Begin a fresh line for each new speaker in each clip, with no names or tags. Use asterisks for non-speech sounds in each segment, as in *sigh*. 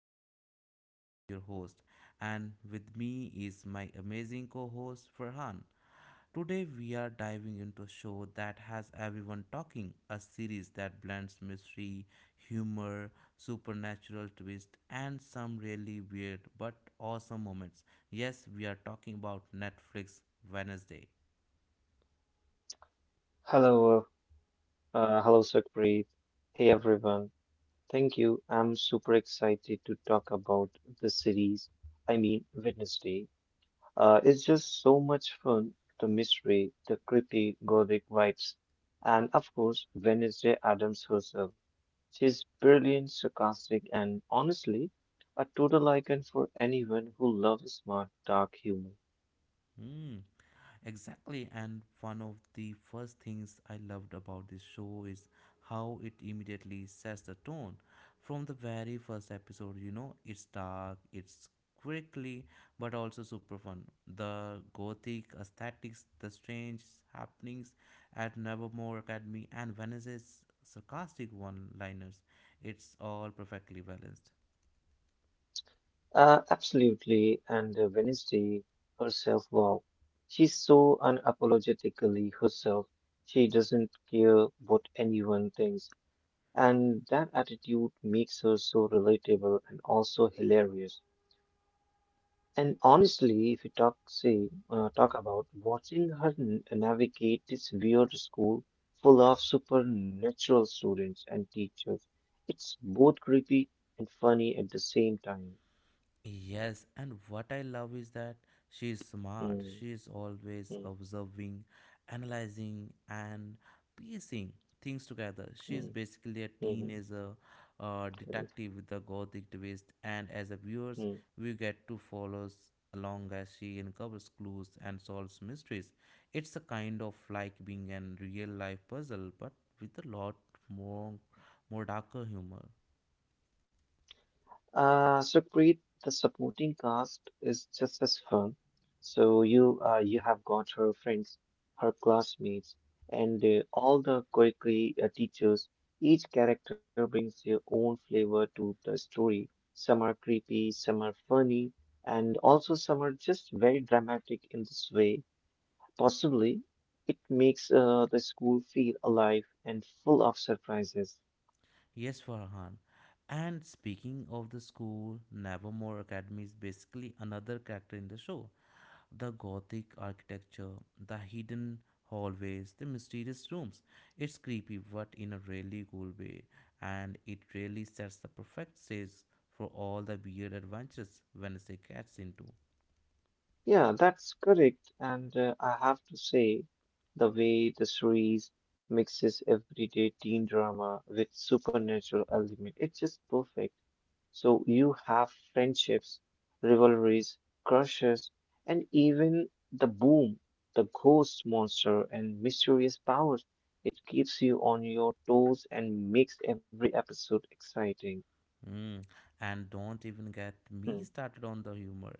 podcast. I am Sukhpreet, your host, and with me is my amazing co host, Farhan. Today, we are diving into a show that has everyone talking, a series that blends mystery, humor, supernatural twist, and some really weird but awesome moments. Yes, we are talking about Netflix Wednesday.
Hello, hello, Sukhpreet. Hey everyone. Thank you. I'm super excited to talk about the series. I mean, Wednesday. It's just so much fun. The mystery, the creepy gothic vibes, and of course, Wednesday Adams herself. She's brilliant, sarcastic, and honestly, a total icon for anyone who loves smart, dark humor.
Hmm. Exactly, and one of the first things I loved about this show is how it immediately sets the tone. From the very first episode, it's dark, it's quickly, but also super fun. The gothic aesthetics, the strange happenings at Nevermore Academy, and Venice's sarcastic one liners, it's all perfectly balanced.
Absolutely. And Wednesday herself, wow. She's so unapologetically herself. She doesn't care what anyone thinks. And that attitude makes her so relatable and also hilarious. And honestly, if you talk, say, talk about watching her navigate this weird school full of supernatural students and teachers, it's both creepy and funny at the same time.
Yes, and what I love is that she is smart.
Mm,
She is always
mm,
observing, analyzing, and piecing things together. She is
mm,
basically a
mhm.
teenager
Correct.
detective with a gothic twist, and as a viewers,
Hmm.
we get to follow along as she uncovers clues and solves mysteries. It's a kind of like being a real life puzzle, but with a lot more, more darker humor.
So great. The supporting cast is just as fun. So you have got her friends, her classmates, and all the curricula teachers. Each character brings their own flavor to the story. Some are creepy, some are funny, and also some are just very dramatic in this way. Possibly, it makes the school feel alive and full of surprises.
Yes, Farhan. And speaking of the school, Nevermore Academy is basically another character in the show. The gothic architecture, the hidden hallways, the mysterious rooms. It's creepy, but in a really cool way. And it really sets the perfect stage for all the weird adventures Wednesday gets into.
Yeah, that's correct. And I have to say, the way the series mixes everyday teen drama with supernatural element, it's just perfect. So you have friendships, rivalries, crushes, and even the boom, the ghost monster, and mysterious powers. It keeps you on your toes and makes every episode exciting.
Mm. And don't even get me
Hmm.
started on the humor.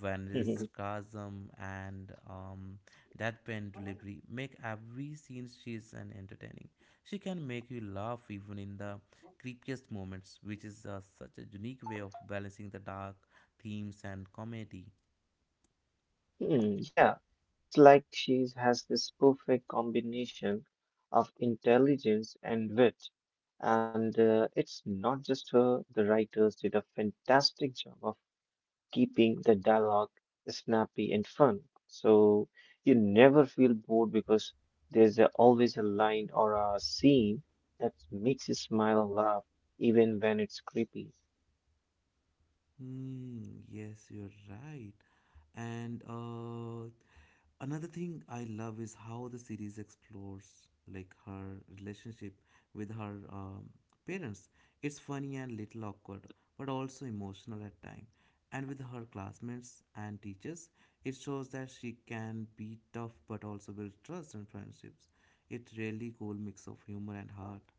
When it's
*laughs*
sarcasm and that pen delivery make every scene she's an entertaining. She can make you laugh even in the creepiest moments, which is such a unique way of balancing the dark themes and comedy.
Hmm, yeah, it's like she has this perfect combination of intelligence and wit. And it's not just her, the writers did a fantastic job of keeping the dialogue snappy and fun. So you never feel bored because always a line or a scene that makes you smile or laugh, even when it's creepy.
Hmm, yes, you're right. And another thing I love is how the series explores like her relationship with her parents. It's funny and little awkward, but also emotional at time. And with her classmates and teachers, it shows that she can be tough but also build trust and friendships. It's really cool mix of humor and heart.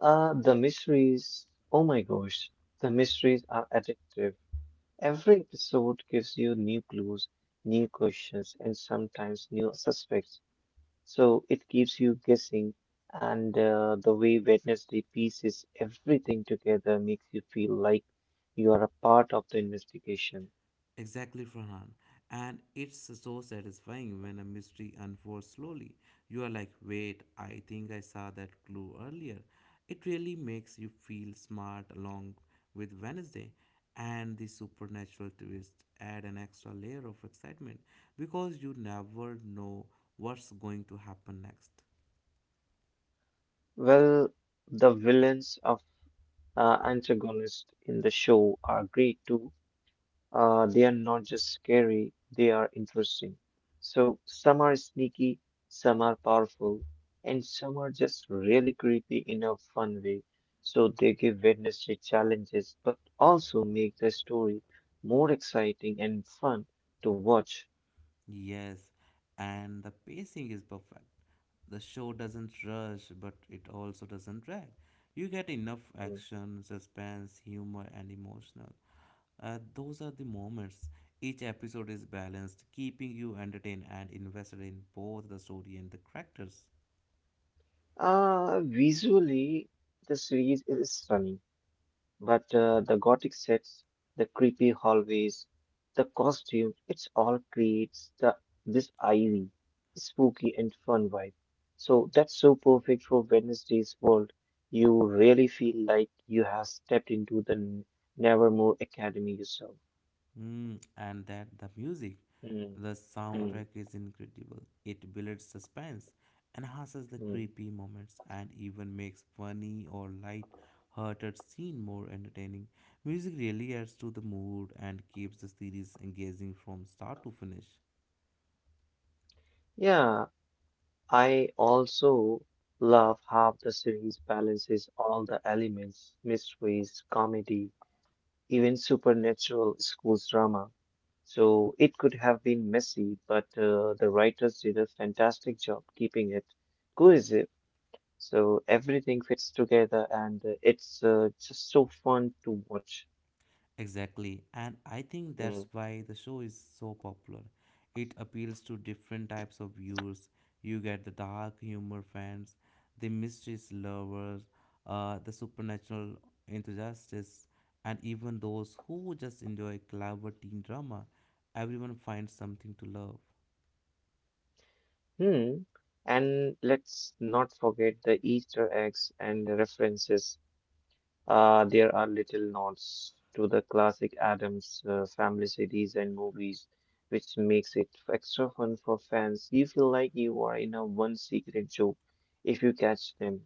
The mysteries, oh my gosh, the mysteries are addictive. Every episode gives you new clues, new questions, and sometimes new suspects. So it keeps you guessing, and the way Wednesday pieces everything together makes you feel like you are a part of the investigation.
Exactly, Farhan. And it's so satisfying when a mystery unfolds slowly. You are like, wait, I think I saw that clue earlier. It really makes you feel smart along with Wednesday. And the supernatural twist add an extra layer of excitement, because you never know what's going to happen next.
Well, the villains are antagonists in the show are great too. They are not just scary, they are interesting. So some are sneaky, some are powerful, and some are just really creepy in a fun way. So they give Wednesday challenges, but also make the story more exciting and fun to watch.
Yes, and the pacing is perfect. The show doesn't rush, but it also doesn't drag. You get enough
Mm.
action, suspense, humor, and emotional. Those are the moments. Each episode is balanced, keeping you entertained and invested in both the story and the characters.
Visually, the series is stunning. But the gothic sets, the creepy hallways, the costumes, it's all creates the this eerie, spooky and fun vibe. So that's so perfect for Wednesday's world. You really feel like you have stepped into the Nevermore Academy yourself.
Mm, and that the music,
Mm,
the soundtrack
mm,
is incredible. It builds suspense, enhances the
mm.
creepy moments, and even makes funny or light-hearted scene more entertaining. Music really adds to the mood and keeps the series engaging from start to finish.
Yeah, I also love how the series balances all the elements, mysteries, comedy, even supernatural school drama. So it could have been messy, but the writers did a fantastic job keeping it cohesive. So everything fits together and it's just so fun to watch.
Exactly, and I think that's
Mm.
why the show is so popular. It appeals to different types of viewers. You get the dark humor fans, the mysteries lovers, the supernatural enthusiasts, and even those who just enjoy clever teen drama. Everyone finds something to love.
Hmm. And let's not forget the Easter eggs and the references. There are little nods to the classic Adams family series and movies, which makes it extra fun for fans. You feel like you are in a one secret joke if you catch them.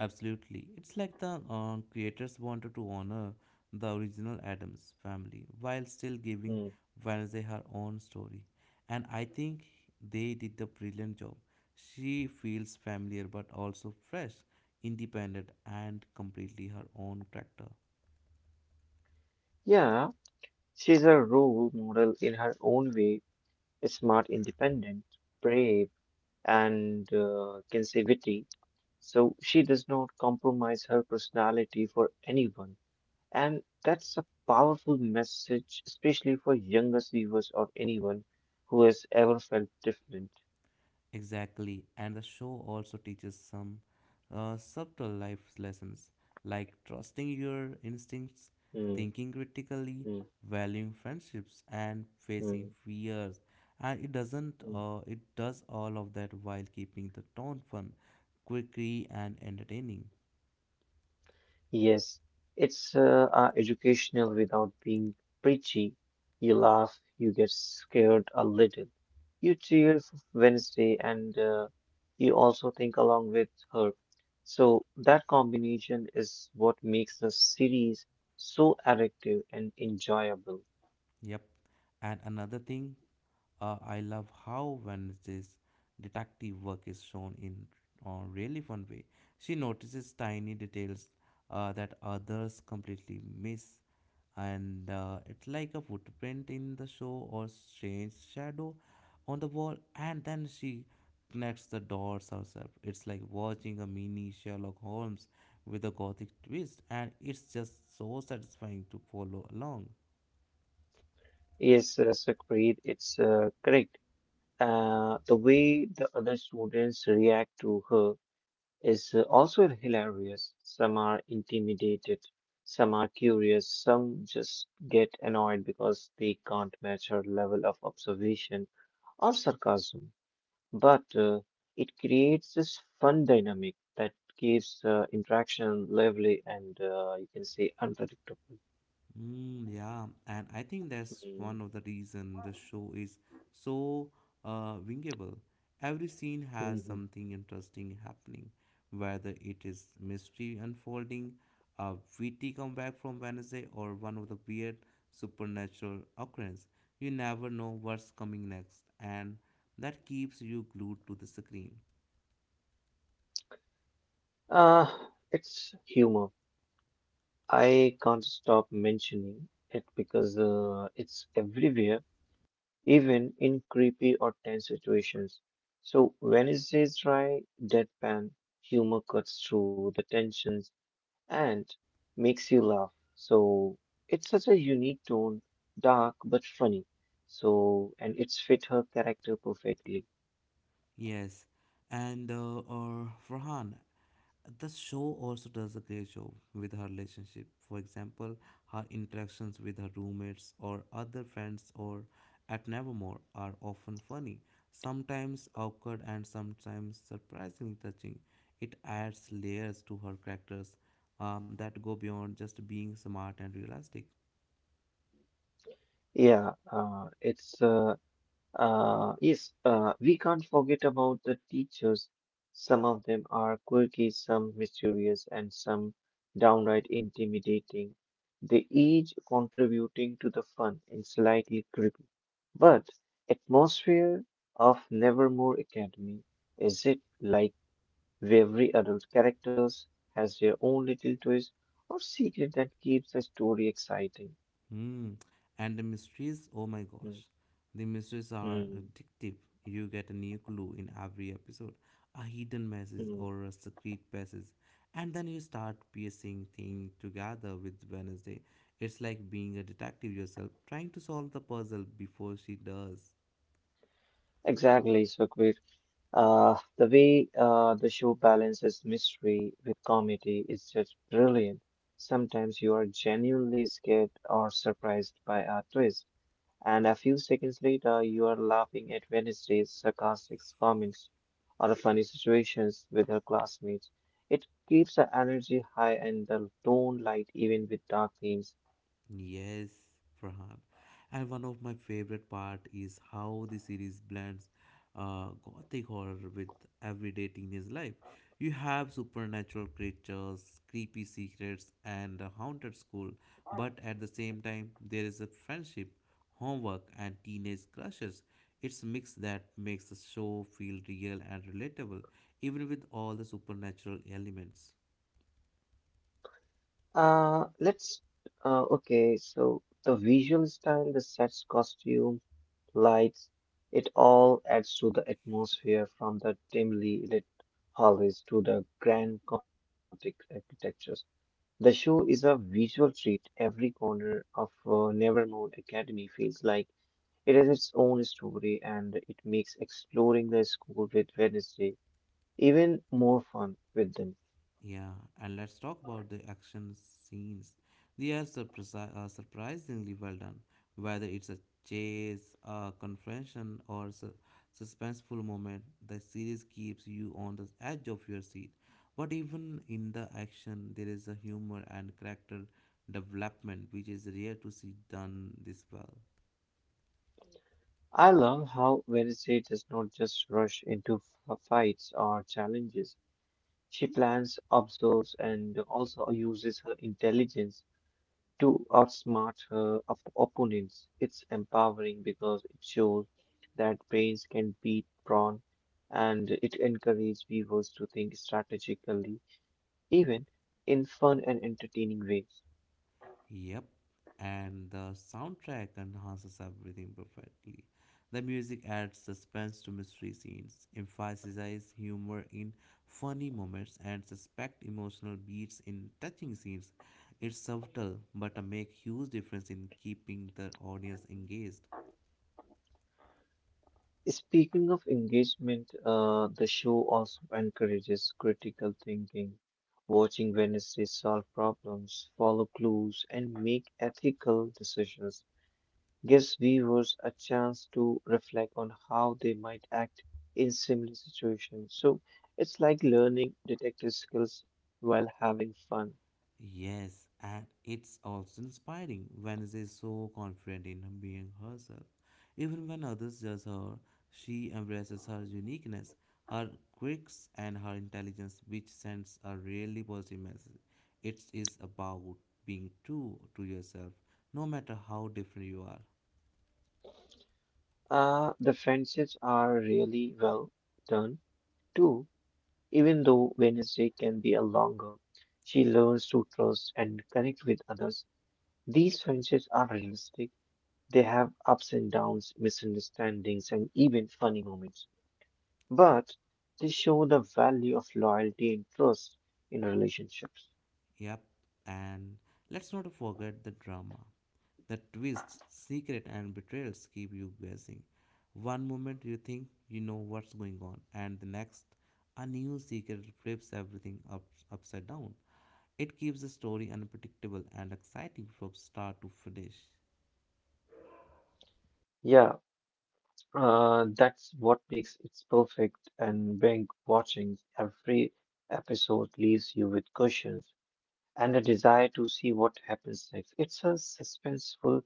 Absolutely. It's like the creators wanted to honor the original Adams family while still giving
Mm.
Wednesday her own story. And I think they did the brilliant job. She feels familiar but also fresh, independent, and completely her own character.
Yeah, she's a role model in her own way, smart, independent, brave, and conservative. So she does not compromise her personality for anyone. And that's a powerful message, especially for younger viewers or anyone who has ever felt different.
Exactly, and the show also teaches some subtle life lessons like trusting your instincts,
Mm,
thinking critically,
mm,
valuing friendships, and facing
mm,
fears. And it doesn't,
mm.
it does all of that while keeping the tone fun, quirky, and entertaining.
Yes, it's educational without being preachy. You laugh, you get scared a little, you cheer for Wednesday, and you also think along with her. So that combination is what makes the series so addictive and enjoyable.
Yep, and another thing, I love how when this detective work is shown in a really fun way. She notices tiny details that others completely miss, and it's like a footprint in the show or strange shadow on the wall, and then she connects the dots herself. It's like watching a mini Sherlock Holmes with a gothic twist, and it's just so satisfying to follow along.
Yes, Sakpreet, it's correct. The way the other students react to her is also hilarious. Some are intimidated, some are curious, some just get annoyed because they can't match her level of observation or sarcasm. But it creates this fun dynamic that keeps interaction lively and you can say unpredictable.
Mm, yeah, and I think that's
Mm.
one of the reason the show is so wingable. Every scene has
Mhm.
something interesting happening, whether it is mystery unfolding, a witty comeback from Wednesday, or one of the weird supernatural occurrence. You never know what's coming next, and that keeps you glued to the screen.
Uh, it's humor. I can't stop mentioning it because it's everywhere, even in creepy or tense situations. So when it says dry, deadpan humor cuts through the tensions and makes you laugh. So it's such a unique tone, dark but funny. So and it's fit her character perfectly.
Yes, and or Farhan, the show also does a great job with her relationship. For example, her interactions with her roommates or other friends or at Nevermore are often funny, sometimes awkward, and sometimes surprisingly touching. It adds layers to her characters, that go beyond just being smart and realistic.
Yeah, it's yes, we can't forget about the teachers. Some of them are quirky, some mysterious, and some downright intimidating. They each contributing to the fun and slightly creepy. But atmosphere of Nevermore Academy is it like every adult characters has their own little twist or secret that keeps the story exciting.
Hmm, And the mysteries, oh my gosh,
Hmm,
the mysteries are
hmm,
addictive. You get a new clue in every episode, a hidden message
hmm.
or a secret passage, and then you start piecing things together with Wednesday. It's like being a detective yourself, trying to solve the puzzle before she does.
Exactly, so the way the show balances mystery with comedy is just brilliant. Sometimes you are genuinely scared or surprised by a twist, and a few seconds later, you are laughing at Wednesday's sarcastic comments or the funny situations with her classmates. It keeps the energy high and the tone light even with dark themes.
Yes, Farhan. And one of my favorite part is how the series blends gothic horror with everyday teenage life. You have supernatural creatures, creepy secrets, and a haunted school, but at the same time, there is a friendship, homework, and teenage crushes. It's a mix that makes the show feel real and relatable, even with all the supernatural elements.
Let's. Okay, so the visual style, the sets, costume lights, it all adds to the atmosphere from the dimly lit hallways to the grand Gothic architectures. The show is a visual treat. Every corner of Nevermore Academy feels like it has its own story and it makes exploring the school with Wednesday even more fun with them.
Yeah, and let's talk about the action scenes. They are surprisingly well done, whether it's a chase, a confrontation, or suspenseful moment. The series keeps you on the edge of your seat. But even in the action, there is a humor and character development, which is rare to see done this well.
I love how Wednesday does not just rush into fights or challenges. She plans, observes, and also uses her intelligence to outsmart her opponents. It's empowering because it shows that brains can beat brawn, and it encourages viewers to think strategically, even in fun and entertaining ways.
Yep, and the soundtrack enhances everything perfectly. The music adds suspense to mystery scenes, emphasizes humor in funny moments, and suspect emotional beats in touching scenes. It's subtle, but make huge difference in keeping the audience engaged.
Speaking of engagement, the show also encourages critical thinking. Watching Wednesday solve problems, follow clues, and make ethical decisions gives viewers a chance to reflect on how they might act in similar situations. So it's like learning detective skills while having fun.
Yes, and it's also inspiring. Vanessa is so confident in being herself. Even when others judge her, she embraces her uniqueness, her quirks, and her intelligence, which sends a really positive message. It is about being true to yourself, no matter how different you are.
The friendships are really well done too, even though Wednesday can be a longer. She learns to trust and connect with others. These friendships are realistic. They have ups and downs, misunderstandings, and even funny moments, but they show the value of loyalty and trust in relationships.
Yep, and let's not forget the drama. The twists, secret, and betrayals keep you guessing. One moment you think you know what's going on, and the next, a new secret flips everything up, upside down. It keeps the story unpredictable and exciting from start to finish.
Yeah, that's what makes it perfect. And being watching every episode leaves you with questions and a desire to see what happens next. It's a suspenseful,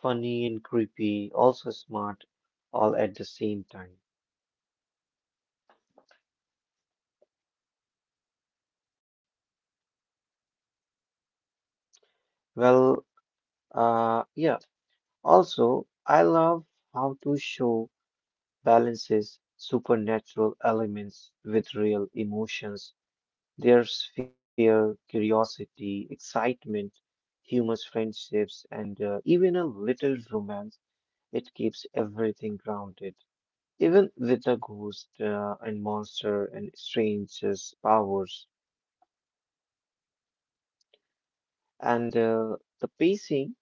funny, and creepy, also smart, all at the same time. Well, yeah. Also, I love how to show balances supernatural elements with real emotions. There's fear, curiosity, excitement, humorous friendships, and even a little romance. It keeps everything grounded, even with the ghost and monster and stranger's powers. And the pacing,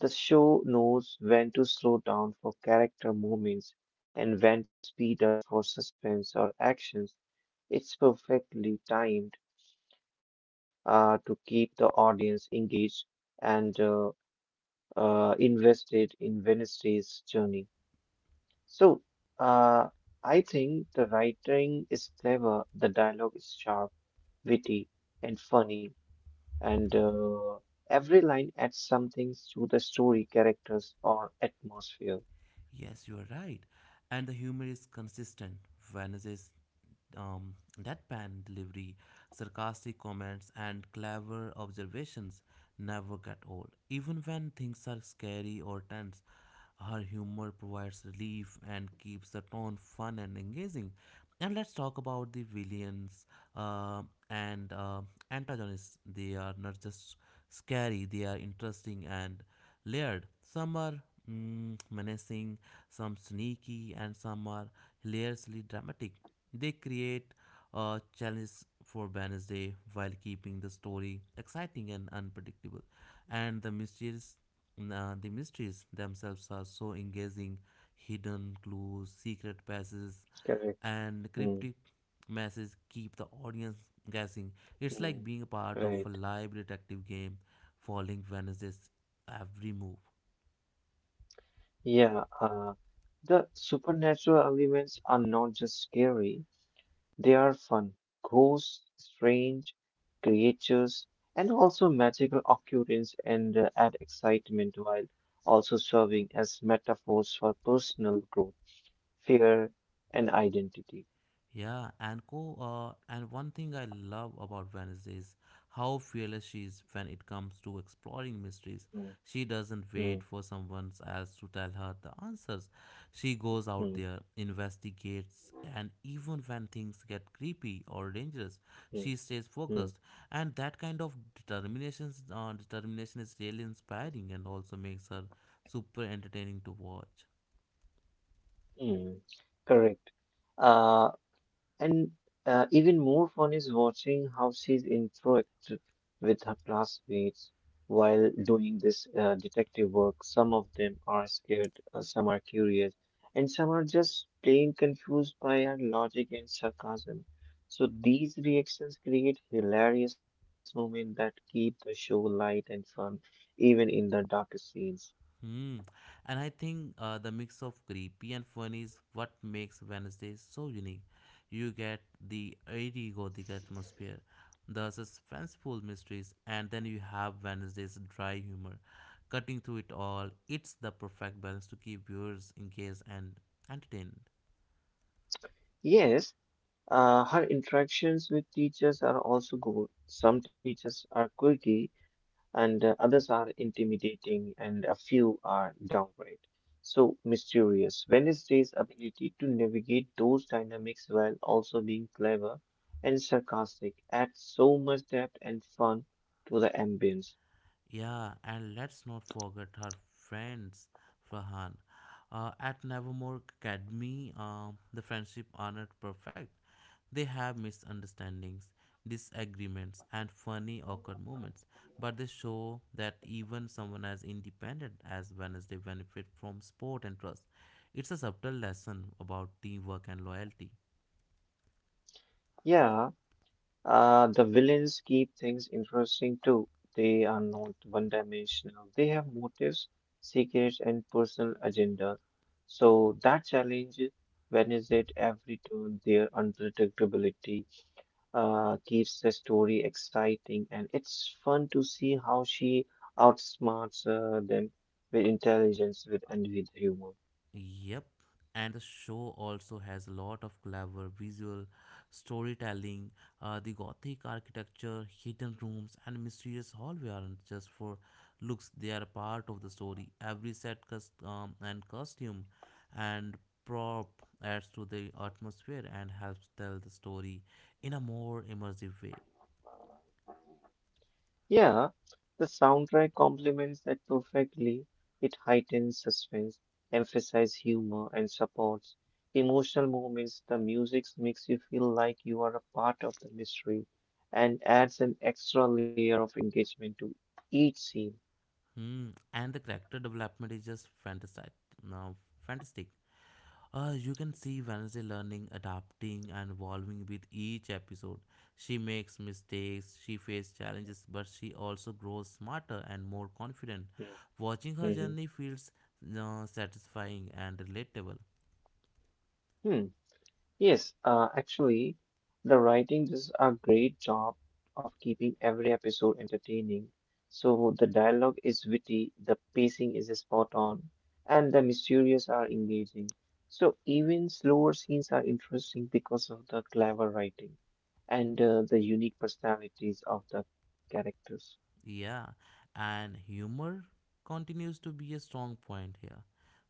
the show knows when to slow down for character moments and when to speed up for suspense or action. It's perfectly timed to keep the audience engaged and invested in Wednesday's journey. So, uh, I think the writing is clever, the dialogue is sharp, witty, and funny, and every line adds something to the story, characters, or atmosphere.
Yes, you are right. And the humor is consistent, vanishes um, deadpan delivery, sarcastic comments, and clever observations never get old. Even when things are scary or tense, her humor provides relief and keeps the tone fun and engaging. And let's talk about the villains uh, and antagonists. They are not just scary, they are interesting and layered. Some are menacing, some sneaky, and some are hilariously dramatic. They create a challenge for Wednesday while keeping the story exciting and unpredictable. And the mysteries themselves are so engaging. Hidden clues, secret passes,
Correct.
and
Hmm.
cryptic messages keep the audience guessing. It's like
Hmm.
being a part of a
Right.
live detective game, following Wednesday's every move.
Yeah. The supernatural elements are not just scary. They are fun, ghosts, strange creatures, and also magical occurrences and add excitement while also serving as metaphors for personal growth, fear, and identity.
Yeah, and co and one thing I love about Venice is how fearless she is when it comes to exploring mysteries.
Mm,
She doesn't
mm,
wait for someone else to tell her the answers. She goes out
mm,
there, investigates, and even when things get creepy or dangerous, she
mm,
stays
mm,
focused. And that kind of determination is really inspiring and also makes her super entertaining to watch.
mm. Correct. Uh, And even more fun is watching how she's interact with her classmates while doing this detective work. Some of them are scared, some are curious, and some are just plain confused by her logic and sarcasm. So these reactions create hilarious moments that keep the show light and fun, even in the darkest scenes.
Hmm. And I think the mix of creepy and fun is what makes Wednesday so unique. You get the eerie gothic atmosphere, the suspenseful mysteries, and then you have Wednesday's dry humor. Cutting through it all, it's the perfect balance to keep viewers engaged and entertained.
Yes, her interactions with teachers are also good. Some teachers are quirky and others are intimidating, and a few are downright so mysterious. Wednesday's ability to navigate those dynamics while also being clever and sarcastic adds so much depth and fun to the ambience.
Yeah, and let's not forget her friends, Farhan. At Nevermore Academy, the friendship are not perfect. They have misunderstandings, disagreements, and funny, awkward moments. But they show that even someone as independent as Wednesday benefit from support and trust. It's a subtle lesson about teamwork and loyalty.
Yeah, the villains keep things interesting too. They are not one-dimensional. They have motives, secrets, and personal agendas. So that challenge Wednesday at every turn, their unpredictability keeps the story exciting, and it's fun to see how she outsmarts them with intelligence with and with humor.
Yep, and the show also has a lot of clever visual storytelling. The Gothic architecture, hidden rooms, and mysterious hallway aren't just for looks, they are part of the story. Every set cust- and costume and prop adds to the atmosphere and helps tell the story in a more immersive way.
Yeah, the soundtrack complements that perfectly. It heightens suspense, emphasizes humor, and supports emotional moments. The music makes you feel like you are a part of the mystery and adds an extra layer of engagement to each scene.
Hmm. And the character development is just fantastic. Now, fantastic. You can see Vanessa learning, adapting, and evolving with each episode. She makes mistakes, she faces challenges, but she also grows smarter and more confident.
Hmm.
Watching her
Mhm.
journey feels satisfying and relatable.
Hmm. Yes, actually, the writing does a great job of keeping every episode entertaining. So the dialogue is witty, the pacing is spot on, and the mysterious are engaging. So even slower scenes are interesting because of the clever writing and the unique personalities of the characters.
Yeah, and humor continues to be a strong point here.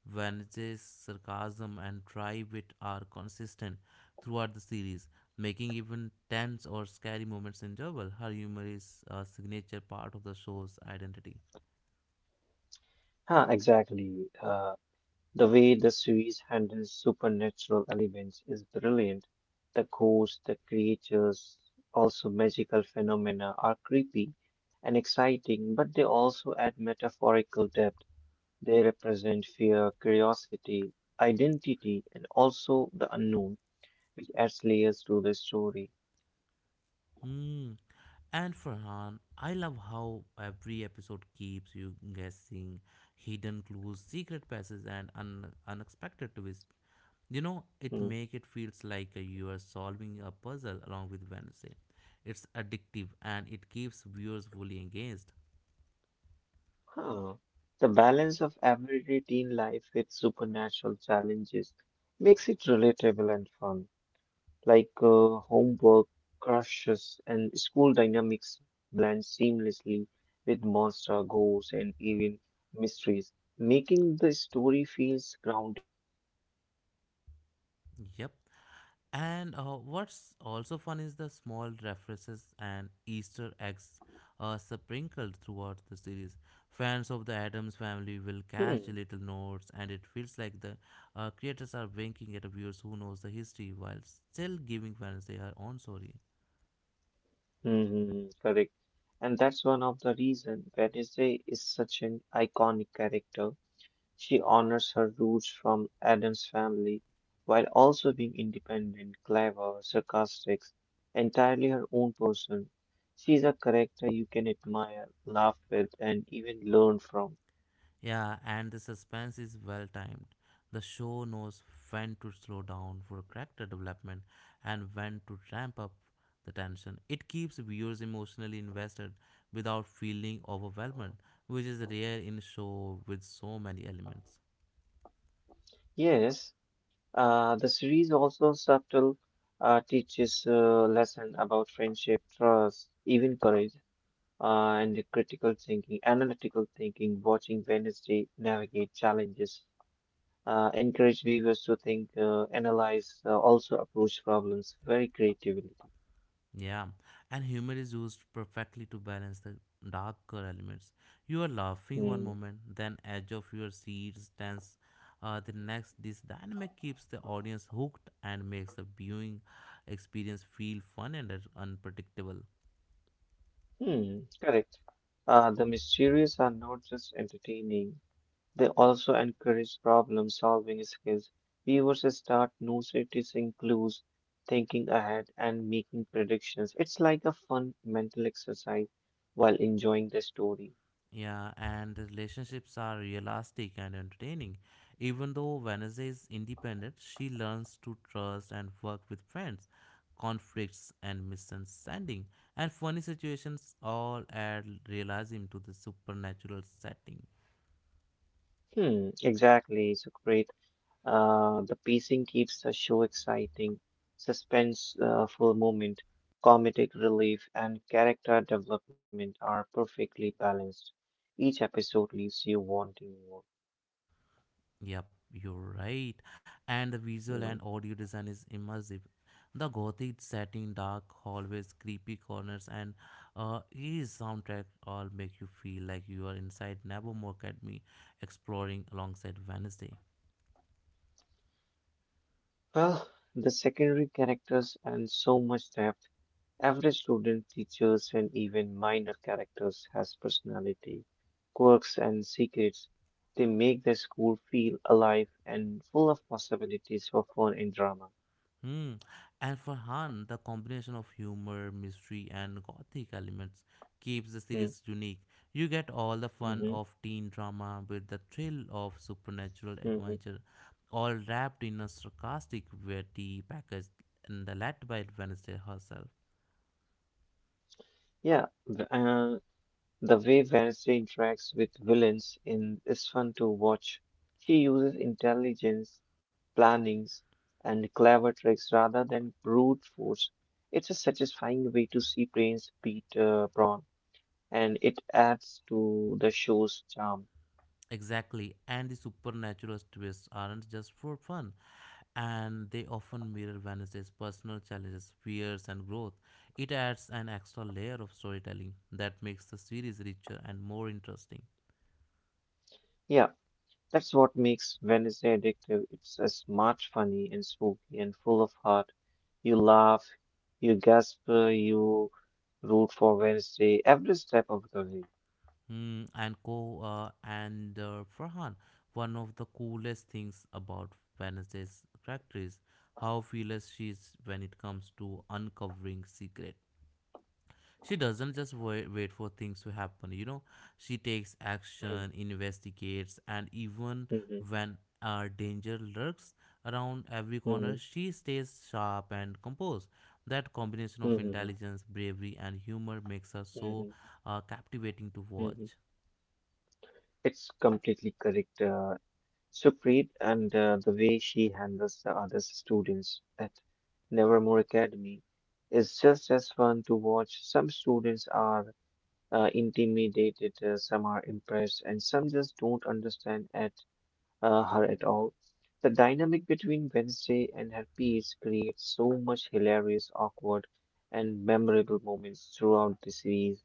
Vanessa's sarcasm and try wit are consistent throughout the series, making even tense or scary moments enjoyable. Her humor is a signature part of the show's identity.
Huh, exactly. The way the series handles supernatural elements is brilliant. The ghosts, the creatures, also magical phenomena are creepy and exciting, but they also add metaphorical depth. They represent fear, curiosity, identity, and also the unknown, which adds layers to the story.
Hmm. And Farhan, I love how every episode keeps you guessing hidden clues, secret passes, and unexpected twists. It
Hmm.
make it feels like you are solving a puzzle along with Wednesday. It's addictive and it keeps viewers fully engaged.
Huh. The balance of everyday teen life with supernatural challenges makes it relatable and fun, like homework, crushes, and school dynamics blend seamlessly with monster, ghosts, and even mysteries, making the story feels grounded even in a supernatural
Yep.
settings.
And what's also fun is the small references and Easter eggs sprinkled throughout the series. Fans of the Adams family will
Hmm.
catch little notes, and it feels like the creators are winking at viewers who knows the history while still giving Wednesday her own story.
Correct. And that's one of the reason Wednesday is such an iconic character. She honors her roots from Adam's family while also being independent, clever, sarcastic, entirely her own person. She is a character you can admire, laugh with, and even learn from.
Yeah, and the suspense is well timed. The show knows when to slow down for character development and when to ramp up the tension. It keeps viewers emotionally invested without feeling overwhelmed, which is rare in a show with so many elements.
Yes, the series also subtle teaches a lesson about friendship, trust, even courage, and the critical thinking, analytical thinking, watching Wednesday navigate challenges encourage viewers to think, analyze, also approach problems very creatively.
Yeah, and humor is used perfectly to balance the darker elements. You are laughing one
Hmm.
moment, then edge of your seat stands the next. This dynamic keeps the audience hooked and makes the viewing experience feel fun and unpredictable.
Hmm. Correct. The mysteries are not just entertaining, they also encourage problem solving skills. Viewers start noticing clues, thinking ahead, and making predictions. It's like a fun mental exercise while enjoying the story.
Yeah, and the relationships are realistic and entertaining. Even though Vanessa is independent, she learns to trust and work with friends, conflicts and misunderstanding, and funny situations all add realism to the supernatural setting.
Hmm, exactly. It's great. The pacing keeps the show exciting, suspense for a moment, comedic relief, and character development are perfectly balanced. Each episode leaves you wanting more.
Yep, you're right. And the visual and
Mm.
audio design is immersive. The gothic setting, dark hallways, creepy corners, and eerie soundtrack all make you feel like you are inside Nevermore Academy exploring alongside Wednesday.
Well, the secondary characters and so much depth. Every student, teachers, and even minor characters has personality, quirks, and secrets. They make the school feel alive and full of possibilities for fun and drama.
Hmm. And for Han, the combination of humor, mystery, and gothic elements keeps the
Hmm.
series unique. You get all the fun
Mm-hmm.
of teen drama with the thrill of supernatural
Mm-hmm.
adventure, all wrapped in a sarcastic, witty package and led by Wednesday herself.
Yeah, the way Wednesday interacts with villains in is fun to watch. She uses intelligence, plannings, and clever tricks rather than brute force. It's a satisfying way to see Prince beat Braun, and it adds to the show's charm.
Exactly, and the supernatural twists aren't just for fun, and they often mirror Vanessa's personal challenges, fears, and growth. It adds an extra layer of storytelling that makes the series richer and more interesting.
Yeah, that's what makes Wednesday addictive. It's a smart, funny, and spooky, and full of heart. You laugh, you gasp, you root for Wednesday every step of the way.
Hmm, and Co and Farhan, one of the coolest things about Vanessa's character is how fearless she is when it comes to uncovering secret. She doesn't just wait for things to happen, you know. She takes
Mm,
action, investigates, and even
mhm,
when danger lurks around every corner,
mhm,
she stays sharp and composed. That combination of
mhm,
intelligence, bravery, and humor makes her so
mhm,
captivating to
mhm.
watch.
It's completely correct, Supreet, and the way she handles the other students at Nevermore Academy is just as fun to watch. Some students are intimidated, some are impressed, and some just don't understand at her at all. The dynamic between Wednesday and her peers creates so much hilarious, awkward, and memorable moments throughout the series.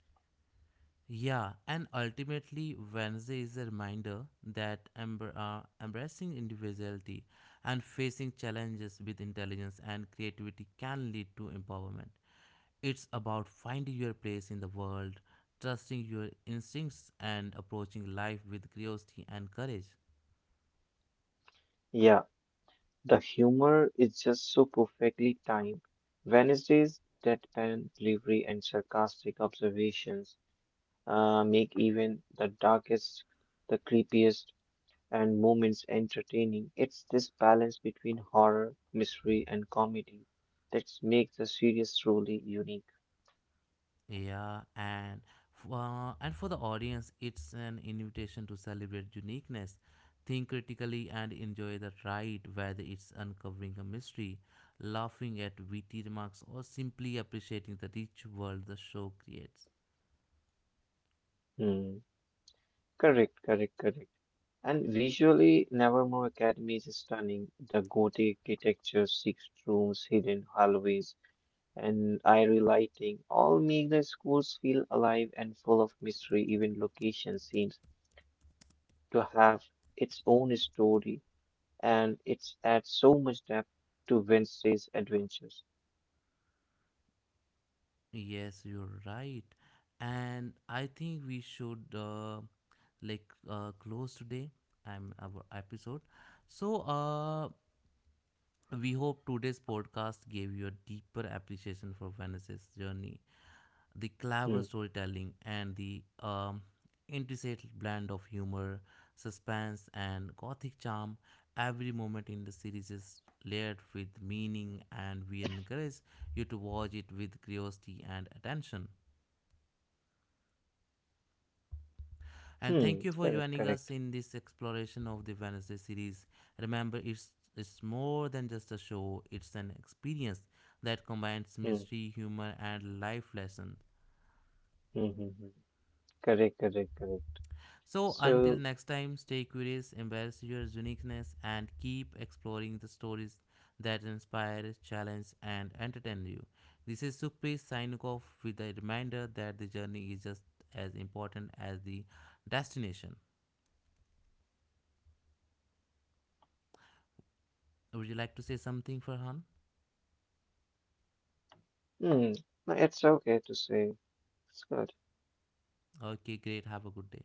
Yeah, and ultimately, Wednesday is a reminder that embracing individuality and facing challenges with intelligence and creativity can lead to empowerment. It's about finding your place in the world, trusting your instincts, and approaching life with curiosity and courage.
Yeah. The humor is just so perfectly timed. Wednesday's deadpan delivery and sarcastic observations make even the darkest, the creepiest, and moments entertaining. It's this balance between horror, mystery, and comedy that makes the series truly unique.
Yeah, and and for the audience, it's an invitation to celebrate uniqueness, think critically, and enjoy the ride, whether it's uncovering a mystery, laughing at witty remarks, or simply appreciating the rich world the show creates.
Hmm. Correct. And visually, Nevermore Academy is stunning. The gothic architecture, six rooms, hidden hallways, and airy lighting all make the schools feel alive and full of mystery. Even location seems to have its own story, and it adds so much depth to Wednesday's adventures.
Yes, you're right. And I think we should close today our episode. So we hope today's podcast gave you a deeper appreciation for Vanessa's journey, the clever
Hmm.
storytelling, and the intricate blend of humor, suspense, and gothic charm. Every moment in the series is layered with meaning, and we encourage you to watch it with curiosity and attention.
Hmm.
And thank you for joining
Correct.
us in this exploration of the Wednesday series. Remember, it's more than just a show, it's an experience that combines
Hmm.
mystery, humor, and life lessons.
Hmm. Correct.
So, until
So,
next time, stay curious, embrace your uniqueness, and keep exploring the stories that inspire, challenge, and entertain you. This is Sukhpreet signing off with a reminder that the journey is just as important as the destination. Would you like to say something, Farhan?
hmm. No, it's okay to say. It's good.
Okay, great. Have a good day.